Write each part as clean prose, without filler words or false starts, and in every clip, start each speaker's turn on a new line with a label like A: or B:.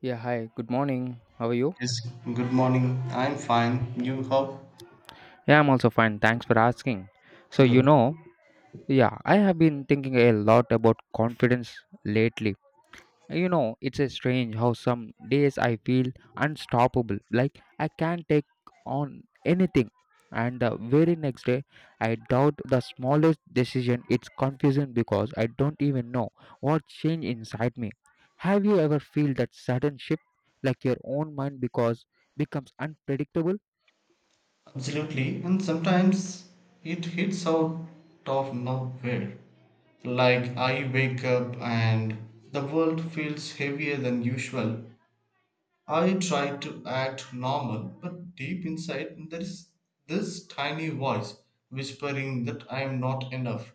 A: Yeah, hi, good morning. How are you?
B: Yes, good morning. I'm fine. You how?
A: Yeah, I'm also fine. Thanks for asking. So,
B: Good.
A: you know, yeah, I have been thinking a lot about confidence lately. You know, it's a strange how some days I feel unstoppable, like I can't take on anything. And the very next day, I doubt the smallest decision. It's confusing because I don't even know what changed inside me. Have you ever feel that sudden shift, like your own mind because becomes unpredictable?
B: Absolutely. And sometimes it hits out of nowhere. Like I wake up and the world feels heavier than usual. I try to act normal, but deep inside there is this tiny voice whispering that I am not enough.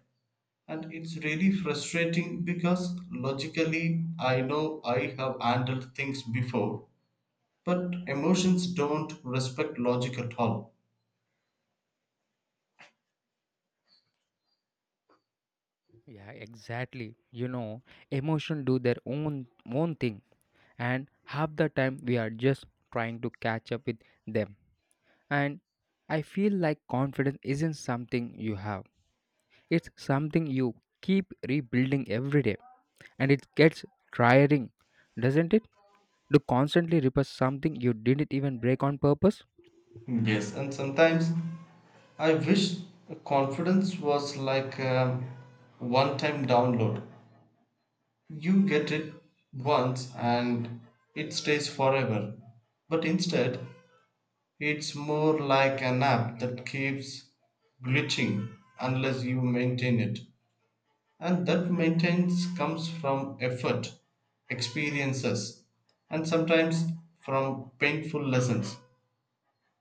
B: And it's really frustrating because logically I know I have handled things before, but emotions don't respect logic at all.
A: Yeah, exactly. You know, emotion do their own thing, and half the time we are just trying to catch up with them. And I feel like confidence isn't something you have; it's something you keep rebuilding every day, and it gets tiring, doesn't it? To constantly repair something you didn't even break on purpose?
B: Yes, and sometimes I wish confidence was like a one time download. You get it once and it stays forever. But instead, it's more like an app that keeps glitching unless you maintain it. And that maintenance comes from effort, experiences, and sometimes from painful lessons.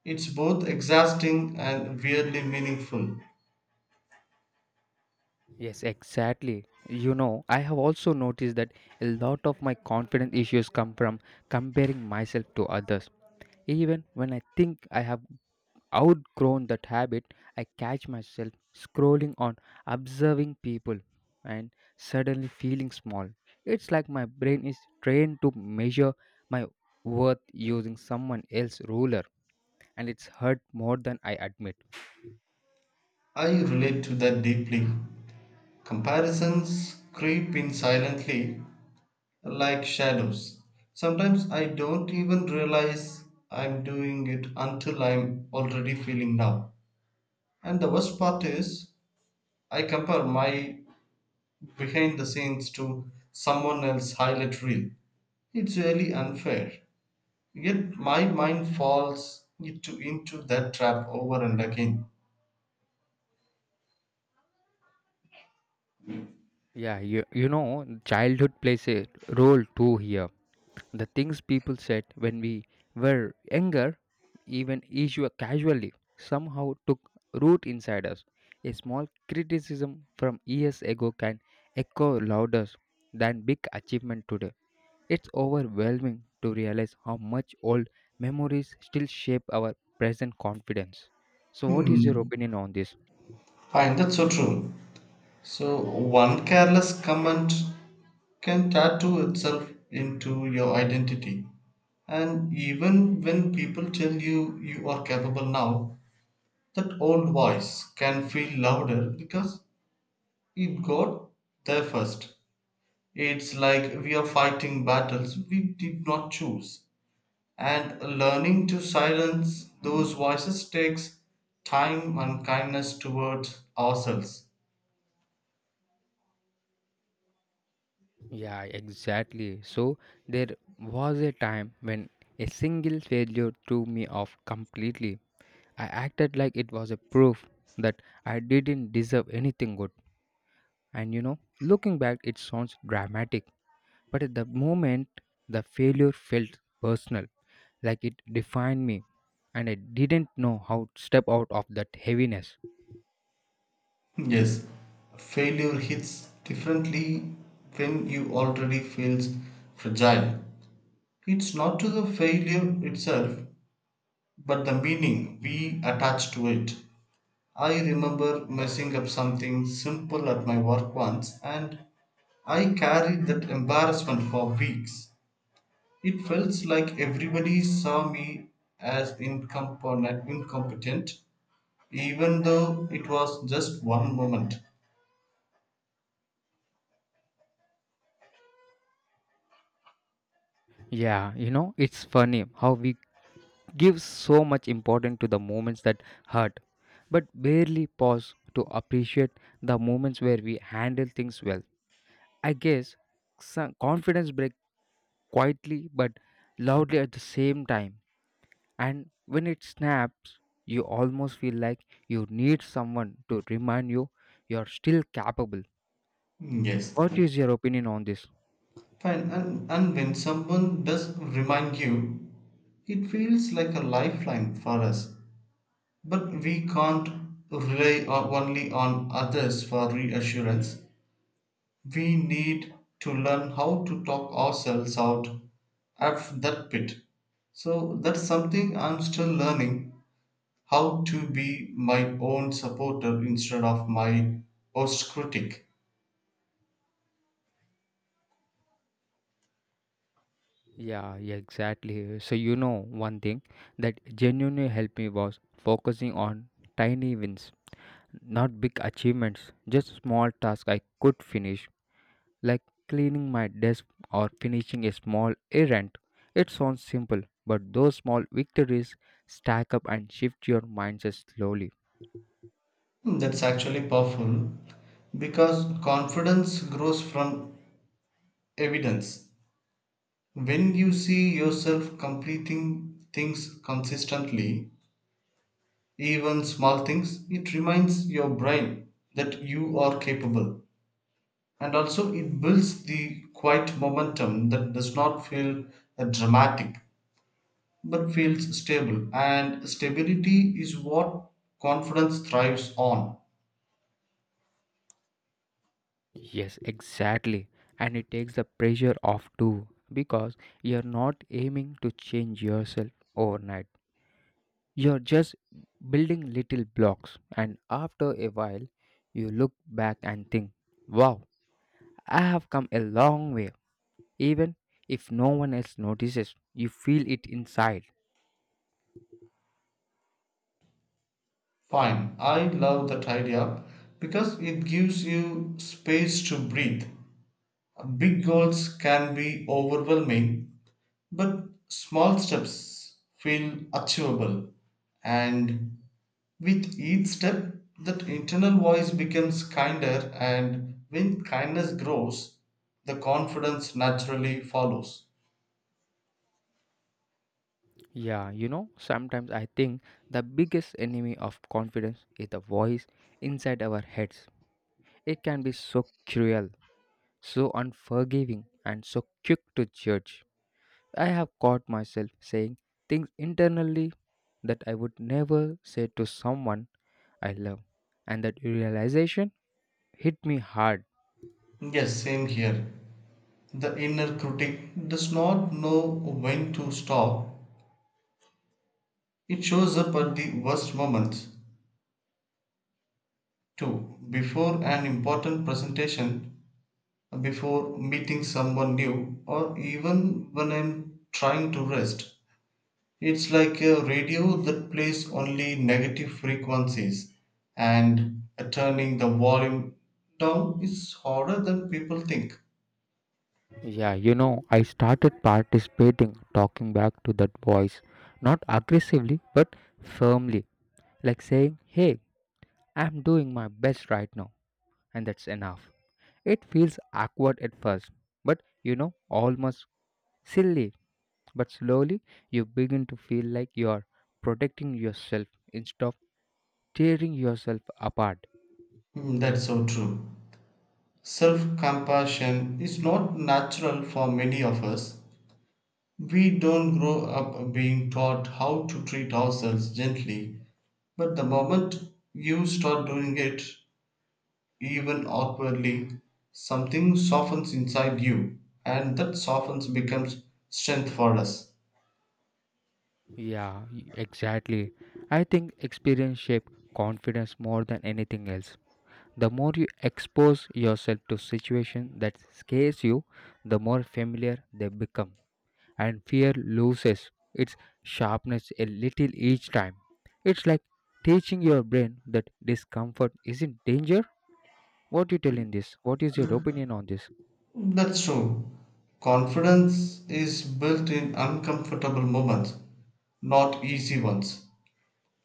B: It's both exhausting and weirdly meaningful.
A: Yes, exactly. You know, I have also noticed that a lot of my confidence issues come from comparing myself to others. Even when I think I have outgrown that habit, I catch myself scrolling on, observing people, and suddenly feeling small. It's like my brain is trained to measure my worth using someone else's ruler, and it's hurt more than I admit.
B: I relate to that deeply. Comparisons creep in silently like shadows. Sometimes I don't even realize I'm doing it until I'm already feeling down. And the worst part is I compare my behind the scenes to someone else's highlight reel. It's really unfair. Yet my mind falls into that trap over and again.
A: Yeah, you know, childhood plays a role too here. The things people said when we were younger, even issue casually, somehow took root inside us. A small criticism from years ago can echo louder than big achievement today. It's overwhelming to realize how much old memories still shape our present confidence. So, what is your
B: Hmm.
A: opinion on this?
B: Fine, that's so true. So one careless comment can tattoo itself into your identity. And even when people tell you you are capable now, that old voice can feel louder because it got there first. It's like we are fighting battles we did not choose, and learning to silence those voices takes time and kindness towards ourselves.
A: Yeah, exactly. So, there was a time when a single failure threw me off completely. I acted like it was a proof that I didn't deserve anything good. And you know, looking back, it sounds dramatic, but at the moment, the failure felt personal, like it defined me, and I didn't know how to step out of that heaviness.
B: Yes, failure hits differently when you already feel fragile. It's not to the failure itself, but the meaning we attach to it. I remember messing up something simple at my work once and I carried that embarrassment for weeks. It felt like everybody saw me as incompetent even though it was just one moment.
A: Yeah, you know, it's funny how we give so much importance to the moments that hurt, but barely pause to appreciate the moments where we handle things well. I guess some confidence breaks quietly but loudly at the same time. And when it snaps, you almost feel like you need someone to remind you you're still capable.
B: Mm, yes.
A: What is your opinion on this?
B: Fine, and when someone does remind you, it feels like a lifeline for us. But we can't rely on, only on others for reassurance. We need to learn how to talk ourselves out of that pit. So that's something I'm still learning, how to be my own supporter instead of my worst critic.
A: Yeah, yeah, exactly. So, you know, one thing that genuinely helped me was focusing on tiny wins, not big achievements, just small tasks I could finish. Like cleaning my desk or finishing a small errand. It sounds simple, but those small victories stack up and shift your mindset slowly.
B: Hmm, that's actually powerful because confidence grows from evidence. When you see yourself completing things consistently, even small things, it reminds your brain that you are capable. And also it builds the quiet momentum that does not feel dramatic but feels stable, and stability is what confidence thrives on.
A: Yes, exactly. And it takes the pressure off too because you're not aiming to change yourself overnight. You're just building little blocks, and after a while, you look back and think, wow, I have come a long way. Even if no one else notices, you feel it inside.
B: Fine, I love that idea because it gives you space to breathe. Big goals can be overwhelming, but small steps feel achievable. And with each step, that internal voice becomes kinder, and when kindness grows, the confidence naturally follows.
A: Yeah, you know, sometimes I think the biggest enemy of confidence is the voice inside our heads. It can be so cruel, so unforgiving, and so quick to judge. I have caught myself saying things internally that I would never say to someone I love. And that realization hit me hard.
B: Yes, same here. The inner critic does not know when to stop. It shows up at the worst moments too. Before an important presentation, before meeting someone new, or even when I'm trying to rest. It's like a radio that plays only negative frequencies, and turning the volume down is harder than people think.
A: Yeah, you know, I started participating, talking back to that voice, not aggressively, but firmly, like saying, "Hey, I'm doing my best right now, and that's enough." It feels awkward at first, but you know, almost silly. But slowly, you begin to feel like you're protecting yourself instead of tearing yourself apart.
B: Mm, that's so true. Self compassion is not natural for many of us. We don't grow up being taught how to treat ourselves gently, but the moment you start doing it, even outwardly, something softens inside you, and that softness becomes strength for us.
A: Yeah, exactly. I think experience shape confidence more than anything else. The more you expose yourself to situations that scares you, the more familiar they become, and fear loses its sharpness a little each time. It's like teaching your brain that discomfort isn't danger. What do you tell in this? What is your opinion on this?
B: That's true. Confidence is built in uncomfortable moments, not easy ones.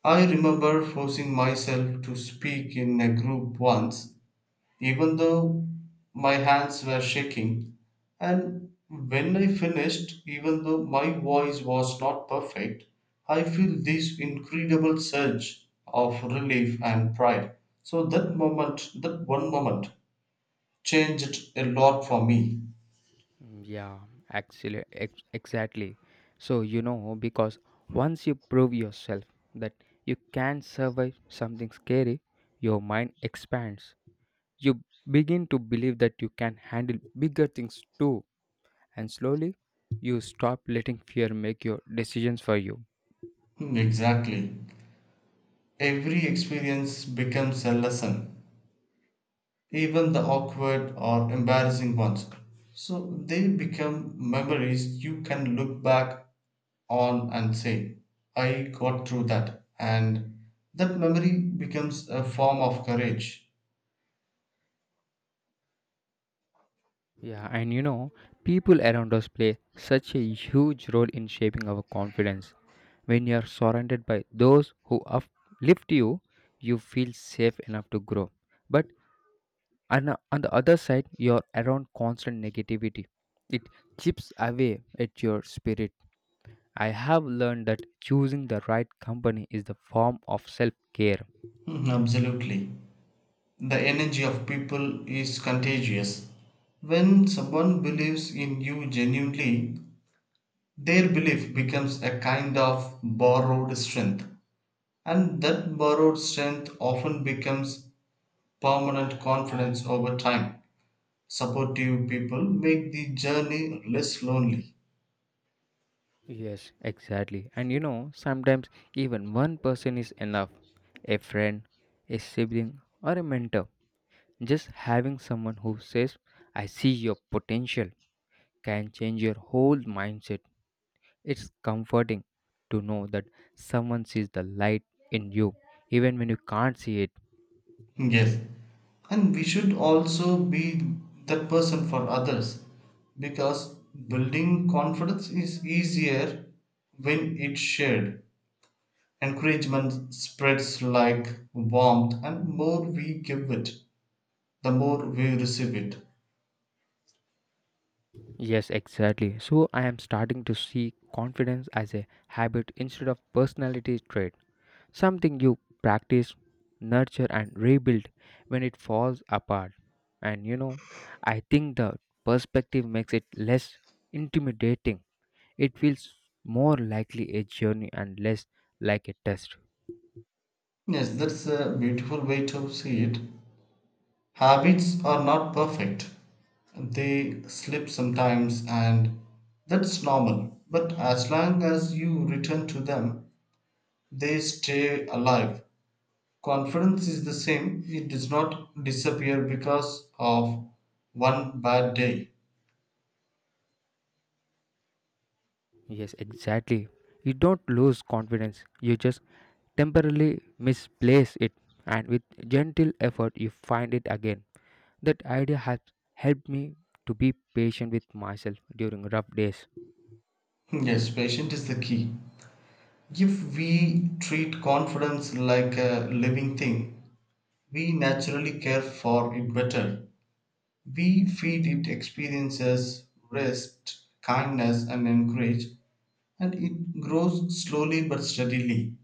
B: I remember forcing myself to speak in a group once even though my hands were shaking. And when I finished, even though my voice was not perfect, I feel this incredible surge of relief and pride. So that moment, that one moment, changed a lot for me.
A: Yeah, actually, exactly. So, you know, because once you prove yourself that you can survive something scary, your mind expands. You begin to believe that you can handle bigger things too, and slowly you stop letting fear make your decisions for you.
B: Hmm, exactly. Every experience becomes a lesson, even the awkward or embarrassing ones. So they become memories you can look back on and say, I got through that. And that memory becomes a form of courage.
A: Yeah, and you know, people around us play such a huge role in shaping our confidence. When you are surrounded by those who uplift you, you feel safe enough to grow. But and on the other side you're around constant negativity, it chips away at your spirit. I have learned that choosing the right company is the form of self-care.
B: Mhm, absolutely. The energy of people is contagious. When someone believes in you genuinely, their belief becomes a kind of borrowed strength. And that borrowed strength often becomes permanent confidence over time. Supportive people make the journey less lonely.
A: Yes, exactly, and you know, sometimes even one person is enough, a friend, a sibling, or a mentor. Just having someone who says, "I see your potential," can change your whole mindset. It's comforting to know that someone sees the light in you even when you can't see it.
B: Yes. And we should also be that person for others, because building confidence is easier when it's shared. Encouragement spreads like warmth, and more we give it, the more we receive it.
A: Yes, exactly. So I am starting to see confidence as a habit instead of personality trait, something you practice, nurture and rebuild when it falls apart. And you know, I think the perspective makes it less intimidating. It feels more likely a journey and less like a test.
B: Yes, that's a beautiful way to see it. Habits are not perfect, they slip sometimes, and that's normal. But as long as you return to them, they stay alive. Confidence is the same, it does not disappear because of one bad day.
A: Yes, exactly. You don't lose confidence, you just temporarily misplace it, and with gentle effort, you find it again. That idea has helped me to be patient with myself during rough days.
B: Yes, patient is the key. If we treat confidence like a living thing, we naturally care for it better. We feed it experiences, rest, kindness, and encourage, and it grows slowly but steadily.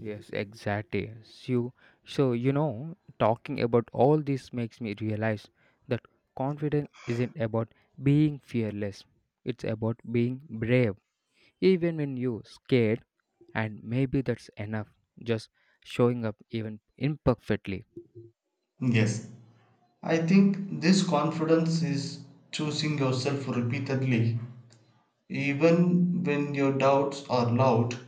A: Yes, exactly. So, you know, talking about all this makes me realize that confidence isn't about being fearless. It's about being brave, even when you're scared. And maybe that's enough, just showing up even imperfectly.
B: Yes, I think this confidence is choosing yourself repeatedly. Even when your doubts are loud,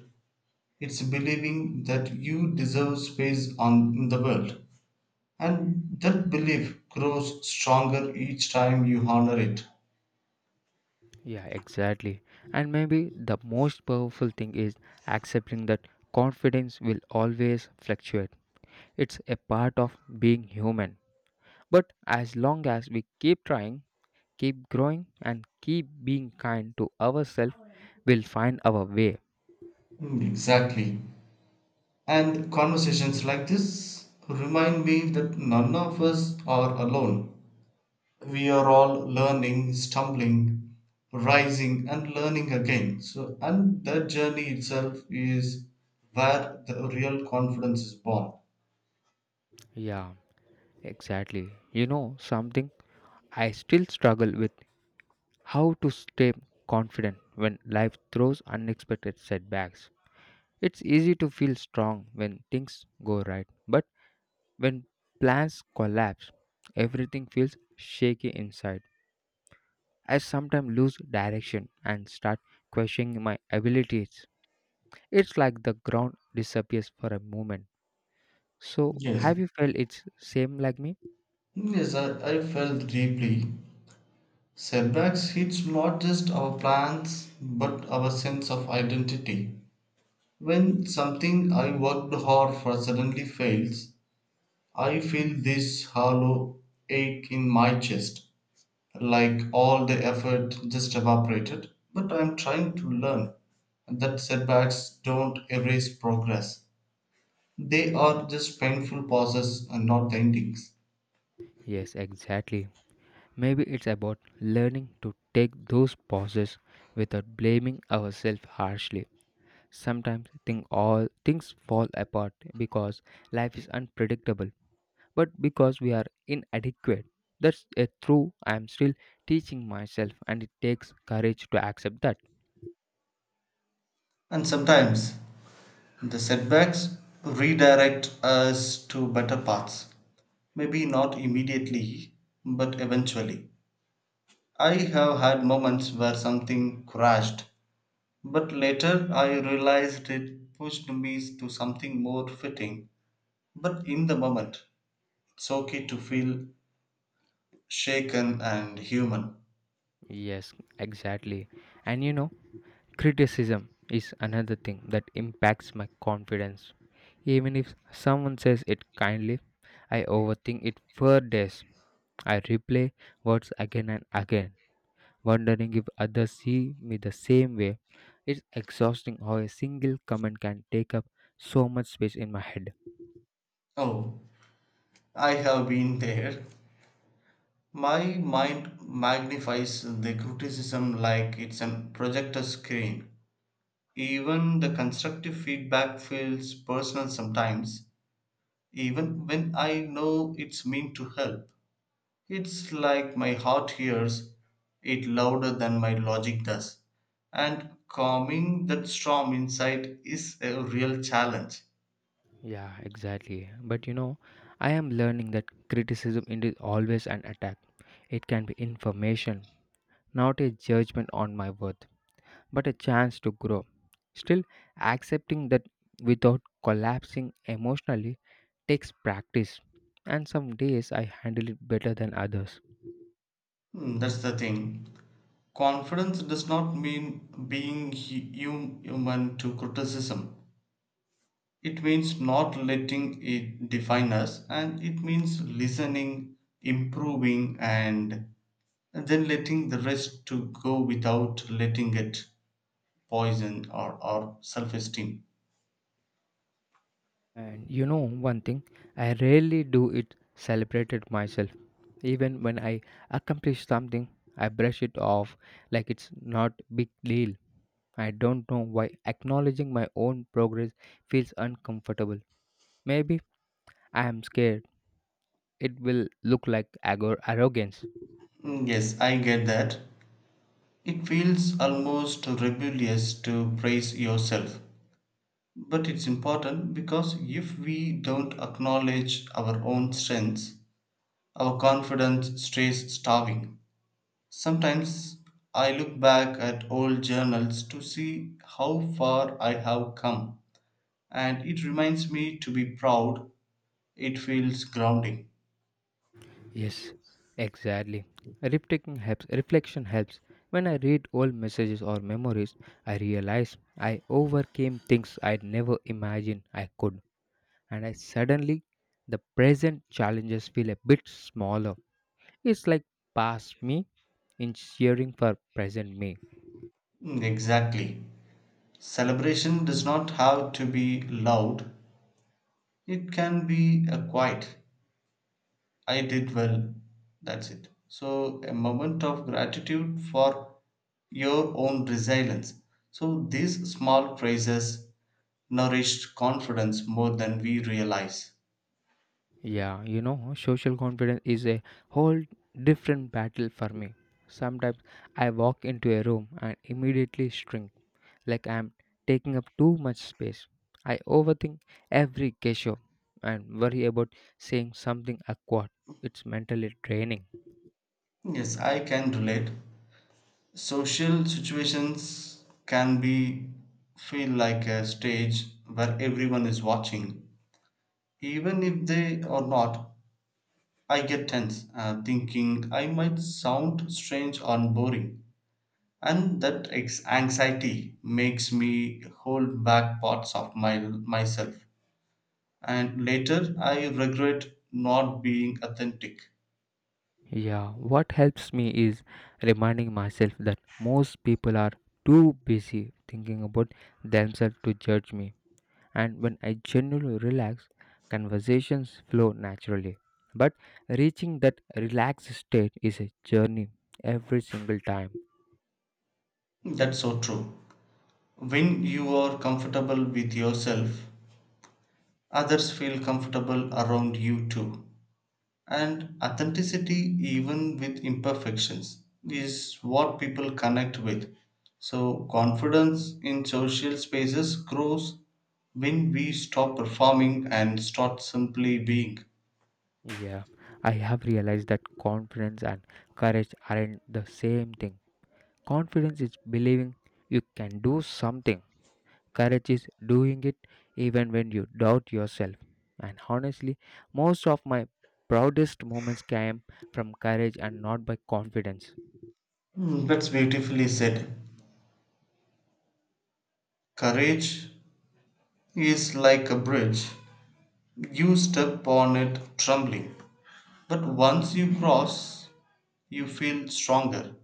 B: it's believing that you deserve space on, in the world. And that belief grows stronger each time you honor it.
A: Yeah, exactly. And maybe the most powerful thing is accepting that confidence will always fluctuate. It's a part of being human, but as long as we keep trying, keep growing and keep being kind to ourselves, we'll find our way.
B: Mm, exactly. And conversations like this remind me that none of us are alone. We are all learning, stumbling, rising, and learning again. So, and that journey itself is where the real confidence is born.
A: Yeah, exactly. You know something I still struggle with: how to stay confident when life throws unexpected setbacks? It's easy to feel strong when things go right, but when plans collapse, everything feels shaky inside. I sometimes lose direction and start questioning my abilities. It's like the ground disappears for a moment. So,
B: Yes.
A: have you felt it's same like me?
B: Yes, I felt deeply. Setbacks hit not just our plans but our sense of identity. When something I worked hard for suddenly fails, I feel this hollow ache in my chest, like all the effort just evaporated. But I'm trying to learn that setbacks don't erase progress, they are just painful pauses and not endings.
A: Yes, exactly. Maybe it's about learning to take those pauses without blaming ourselves harshly. Sometimes think all things fall apart because life is unpredictable, but because we are inadequate. That's a true I am still teaching myself, and it takes courage to accept that.
B: And sometimes the setbacks redirect us to better paths. Maybe not immediately, but eventually. I have had moments where something crashed, but later I realized it pushed me to something more fitting. But in the moment, it's okay to feel shaken and human.
A: Yes, exactly. And you know, criticism is another thing that impacts my confidence. Even if someone says it kindly, I overthink it for days. I replay words again and again wondering if others see me the same way. It's exhausting how a single comment can take up so much space in my head.
B: Oh, I have been there. My mind magnifies the criticism like it's a projector screen. Even the constructive feedback feels personal sometimes, even when I know it's meant to help. It's like my heart hears it louder than my logic does. And calming that storm inside is a real challenge.
A: Yeah, exactly. But you know, I am learning that criticism it is always an attack. It can be information, not a judgment on my worth, but a chance to grow. Still, accepting that without collapsing emotionally takes practice, and some days I handle it better than others.
B: Hmm, that's the thing. Confidence does not mean being human to criticism. It means not letting it define us, and it means listening, improving, and then letting the rest to go without letting it poison our self-esteem.
A: And you know one thing, I rarely do it celebrated myself. Even when I accomplish something, I brush it off like it's not big deal. I don't know why acknowledging my own progress feels uncomfortable. Maybe I am scared it will look like arrogance.
B: Mm, yes, I get that. It feels almost rebellious to praise yourself. But it's important because if we don't acknowledge our own strengths, our confidence stays starving. Sometimes I look back at old journals to see how far I have come, and it reminds me to be proud. It feels grounding.
A: Yes, exactly. Reflecting helps. Reflection helps. When I read old messages or memories, I realize I overcame things I'd never imagined I could, and I suddenly the present challenges feel a bit smaller. It's like past me in cheering for present me.
B: Mm, exactly. Celebration does not have to be loud, it can be a quiet. I did well. That's it. So, a moment of gratitude for your own resilience. So, these small praises nourished confidence more than we realize.
A: Yeah, you know, social confidence is a whole different battle for me. Sometimes I walk into a room and immediately shrink, like I'm taking up too much space. I overthink every gesture and worry about saying something awkward. It's mentally draining.
B: Yes, I can relate. Social situations can be feel like a stage where everyone is watching, even if they are not. I get tense, thinking I might sound strange or boring, and that anxiety makes me hold back parts of my myself. And later, I regret not being authentic.
A: Yeah, what helps me is reminding myself that most people are too busy thinking about themselves to judge me. And when I genuinely relax, conversations flow naturally. But reaching that relaxed state is a journey every single time.
B: That's so true. When you are comfortable with yourself, others feel comfortable around you too. And authenticity, even with imperfections, is what people connect with. So, confidence in social spaces grows when we stop performing and start simply being.
A: Yeah, I have realized that confidence and courage aren't the same thing. Confidence is believing you can do something, courage is doing it even when you doubt yourself. And honestly, most of my proudest moments came from courage and not by confidence.
B: Hmm, that's beautifully said. Courage is like a bridge. You step on it trembling, but once you cross, you feel stronger.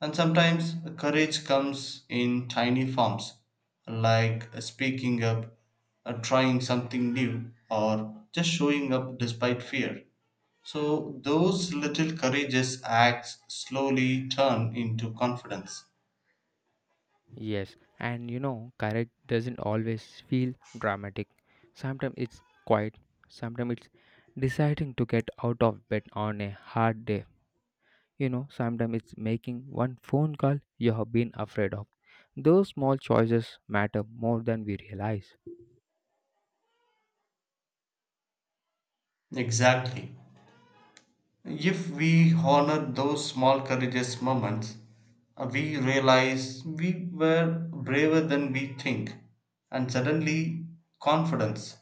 B: And sometimes courage comes in tiny forms, like speaking up, trying something new, or just showing up despite fear. So, those little courageous acts slowly turn into confidence.
A: Yes, and you know, courage doesn't always feel dramatic. Sometimes it's quiet, sometimes it's deciding to get out of bed on a hard day. You know, sometimes it's making one phone call you have been afraid of. Those small choices matter more than we realize.
B: Exactly. If we honor those small courageous moments, we realize we were braver than we think, and suddenly confidence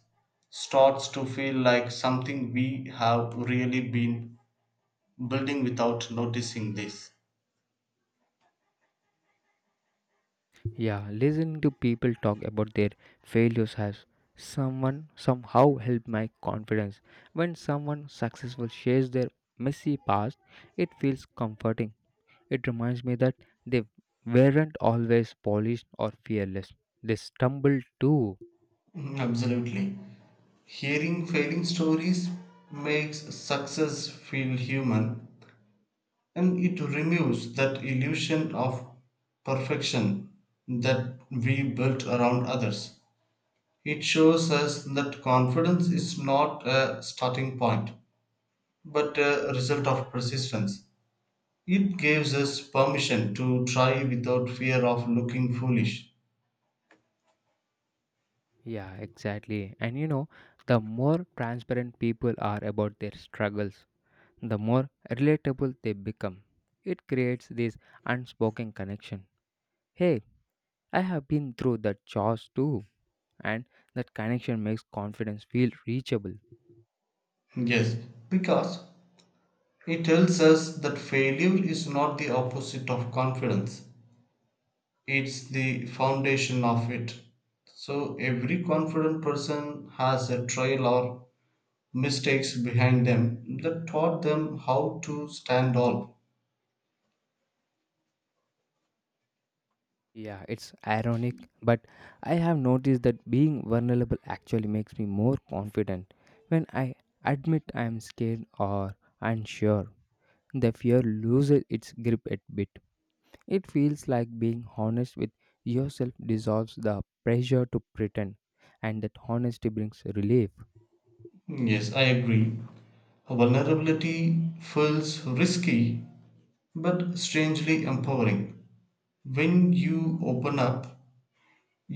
B: starts to feel like something we have really been building without noticing this.
A: Yeah, listening to people talk about their failures has someone somehow helped my confidence. When someone successful shares their messy past, it feels comforting. It reminds me that they weren't always polished or fearless. They stumbled too.
B: Mm, absolutely. Hearing failing stories makes success feel human, and it removes that illusion of perfection that we built around others. It shows us that confidence is not a starting point, but a result of persistence. It gives us permission to try without fear of looking foolish.
A: Yeah, exactly. And you know, the more transparent people are about their struggles, the more relatable they become. It creates this unspoken connection. Hey, I have been through that chores too, and that connection makes confidence feel reachable.
B: Yes, because it tells us that failure is not the opposite of confidence, it's the foundation of it. So every confident person has a trail or mistakes behind them that taught them how to stand up.
A: Yeah, it's ironic, but I have noticed that being vulnerable actually makes me more confident. When I admit I am scared or unsure, the fear loses its grip a bit. It feels like being honest with yourself dissolves the pressure to pretend, and that honesty brings relief.
B: Yes, I agree. Vulnerability feels risky but strangely empowering. When you open up,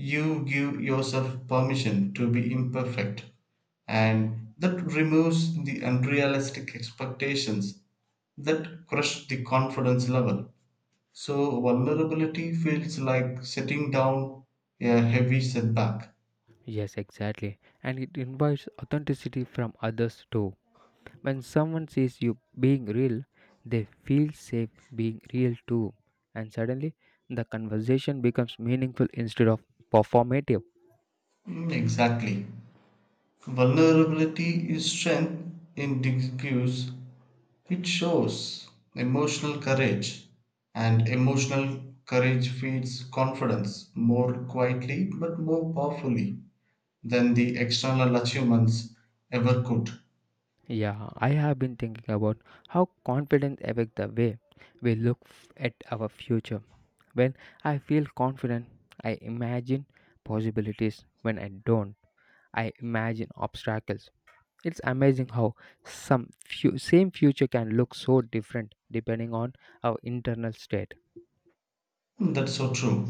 B: you give yourself permission to be imperfect, and that removes the unrealistic expectations that crush the confidence level. So, vulnerability feels like setting down a heavy setback.
A: Yes, exactly. And it invites authenticity from others too. When someone sees you being real, they feel safe being real too. And suddenly, the conversation becomes meaningful instead of performative.
B: Mm, exactly. Vulnerability is strength in disguise. It shows emotional courage, and emotional courage feeds confidence more quietly but more powerfully than the external achievements ever could.
A: Yeah, I have been thinking about how confidence affects the way we look at our future. When I feel confident, I imagine possibilities. When I don't, I imagine obstacles. It's amazing how some few, same future can look so different depending on our internal state.
B: That's so true.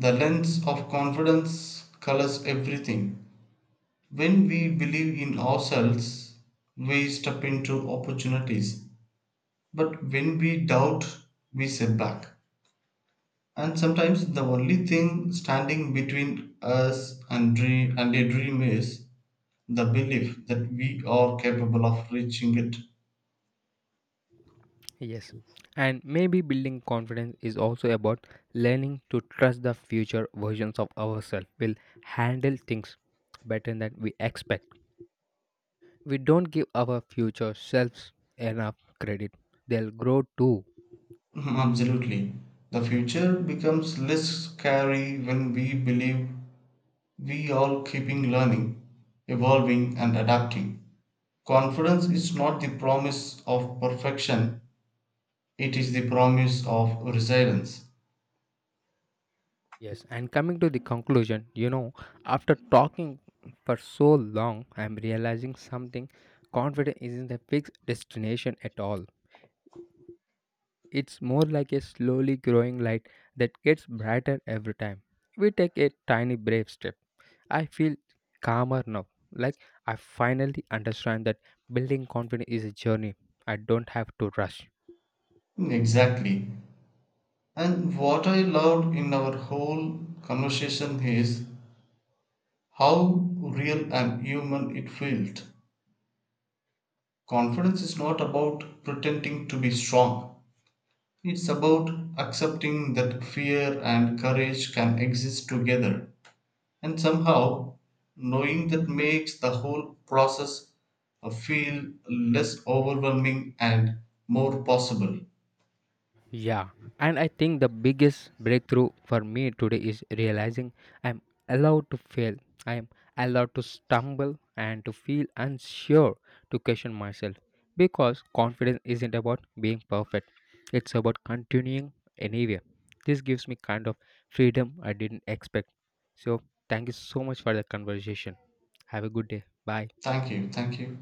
B: The lens of confidence colors everything. When we believe in ourselves, we step into opportunities. But when we doubt, we set back. And sometimes the only thing standing between us and, and a dream is the belief that we are capable of reaching it.
A: Yes. And maybe building confidence is also about learning to trust the future versions of ourselves will handle things better than we expect. We don't give our future selves enough credit. They'll grow too.
B: Mhm, absolutely. The future becomes less scary when we believe we are keeping learning, evolving, and adapting. Confidence is not the promise of perfection, it is the promise of resilience.
A: Yes, and coming to the conclusion, you know, after talking for so long, I'm realizing something: confidence isn't a fixed destination at all. It's more like a slowly growing light that gets brighter every time. We take a tiny brave step. I feel calmer now. Like I finally understand that building confidence is a journey. I don't have to rush.
B: Hmm, exactly. And what I loved in our whole conversation is how real and human it felt. Confidence is not about pretending to be strong, it's about accepting that fear and courage can exist together. And somehow, knowing that makes the whole process feel less overwhelming and more possible.
A: Yeah, and I think the biggest breakthrough for me today is realizing I'm allowed to fail. I am allowed to stumble and to feel unsure, to question myself, because confidence isn't about being perfect, it's about continuing anyway. This gives me kind of freedom I didn't expect. So, thank you so much for the conversation. Have a good day. Bye.
B: Thank you, thank you.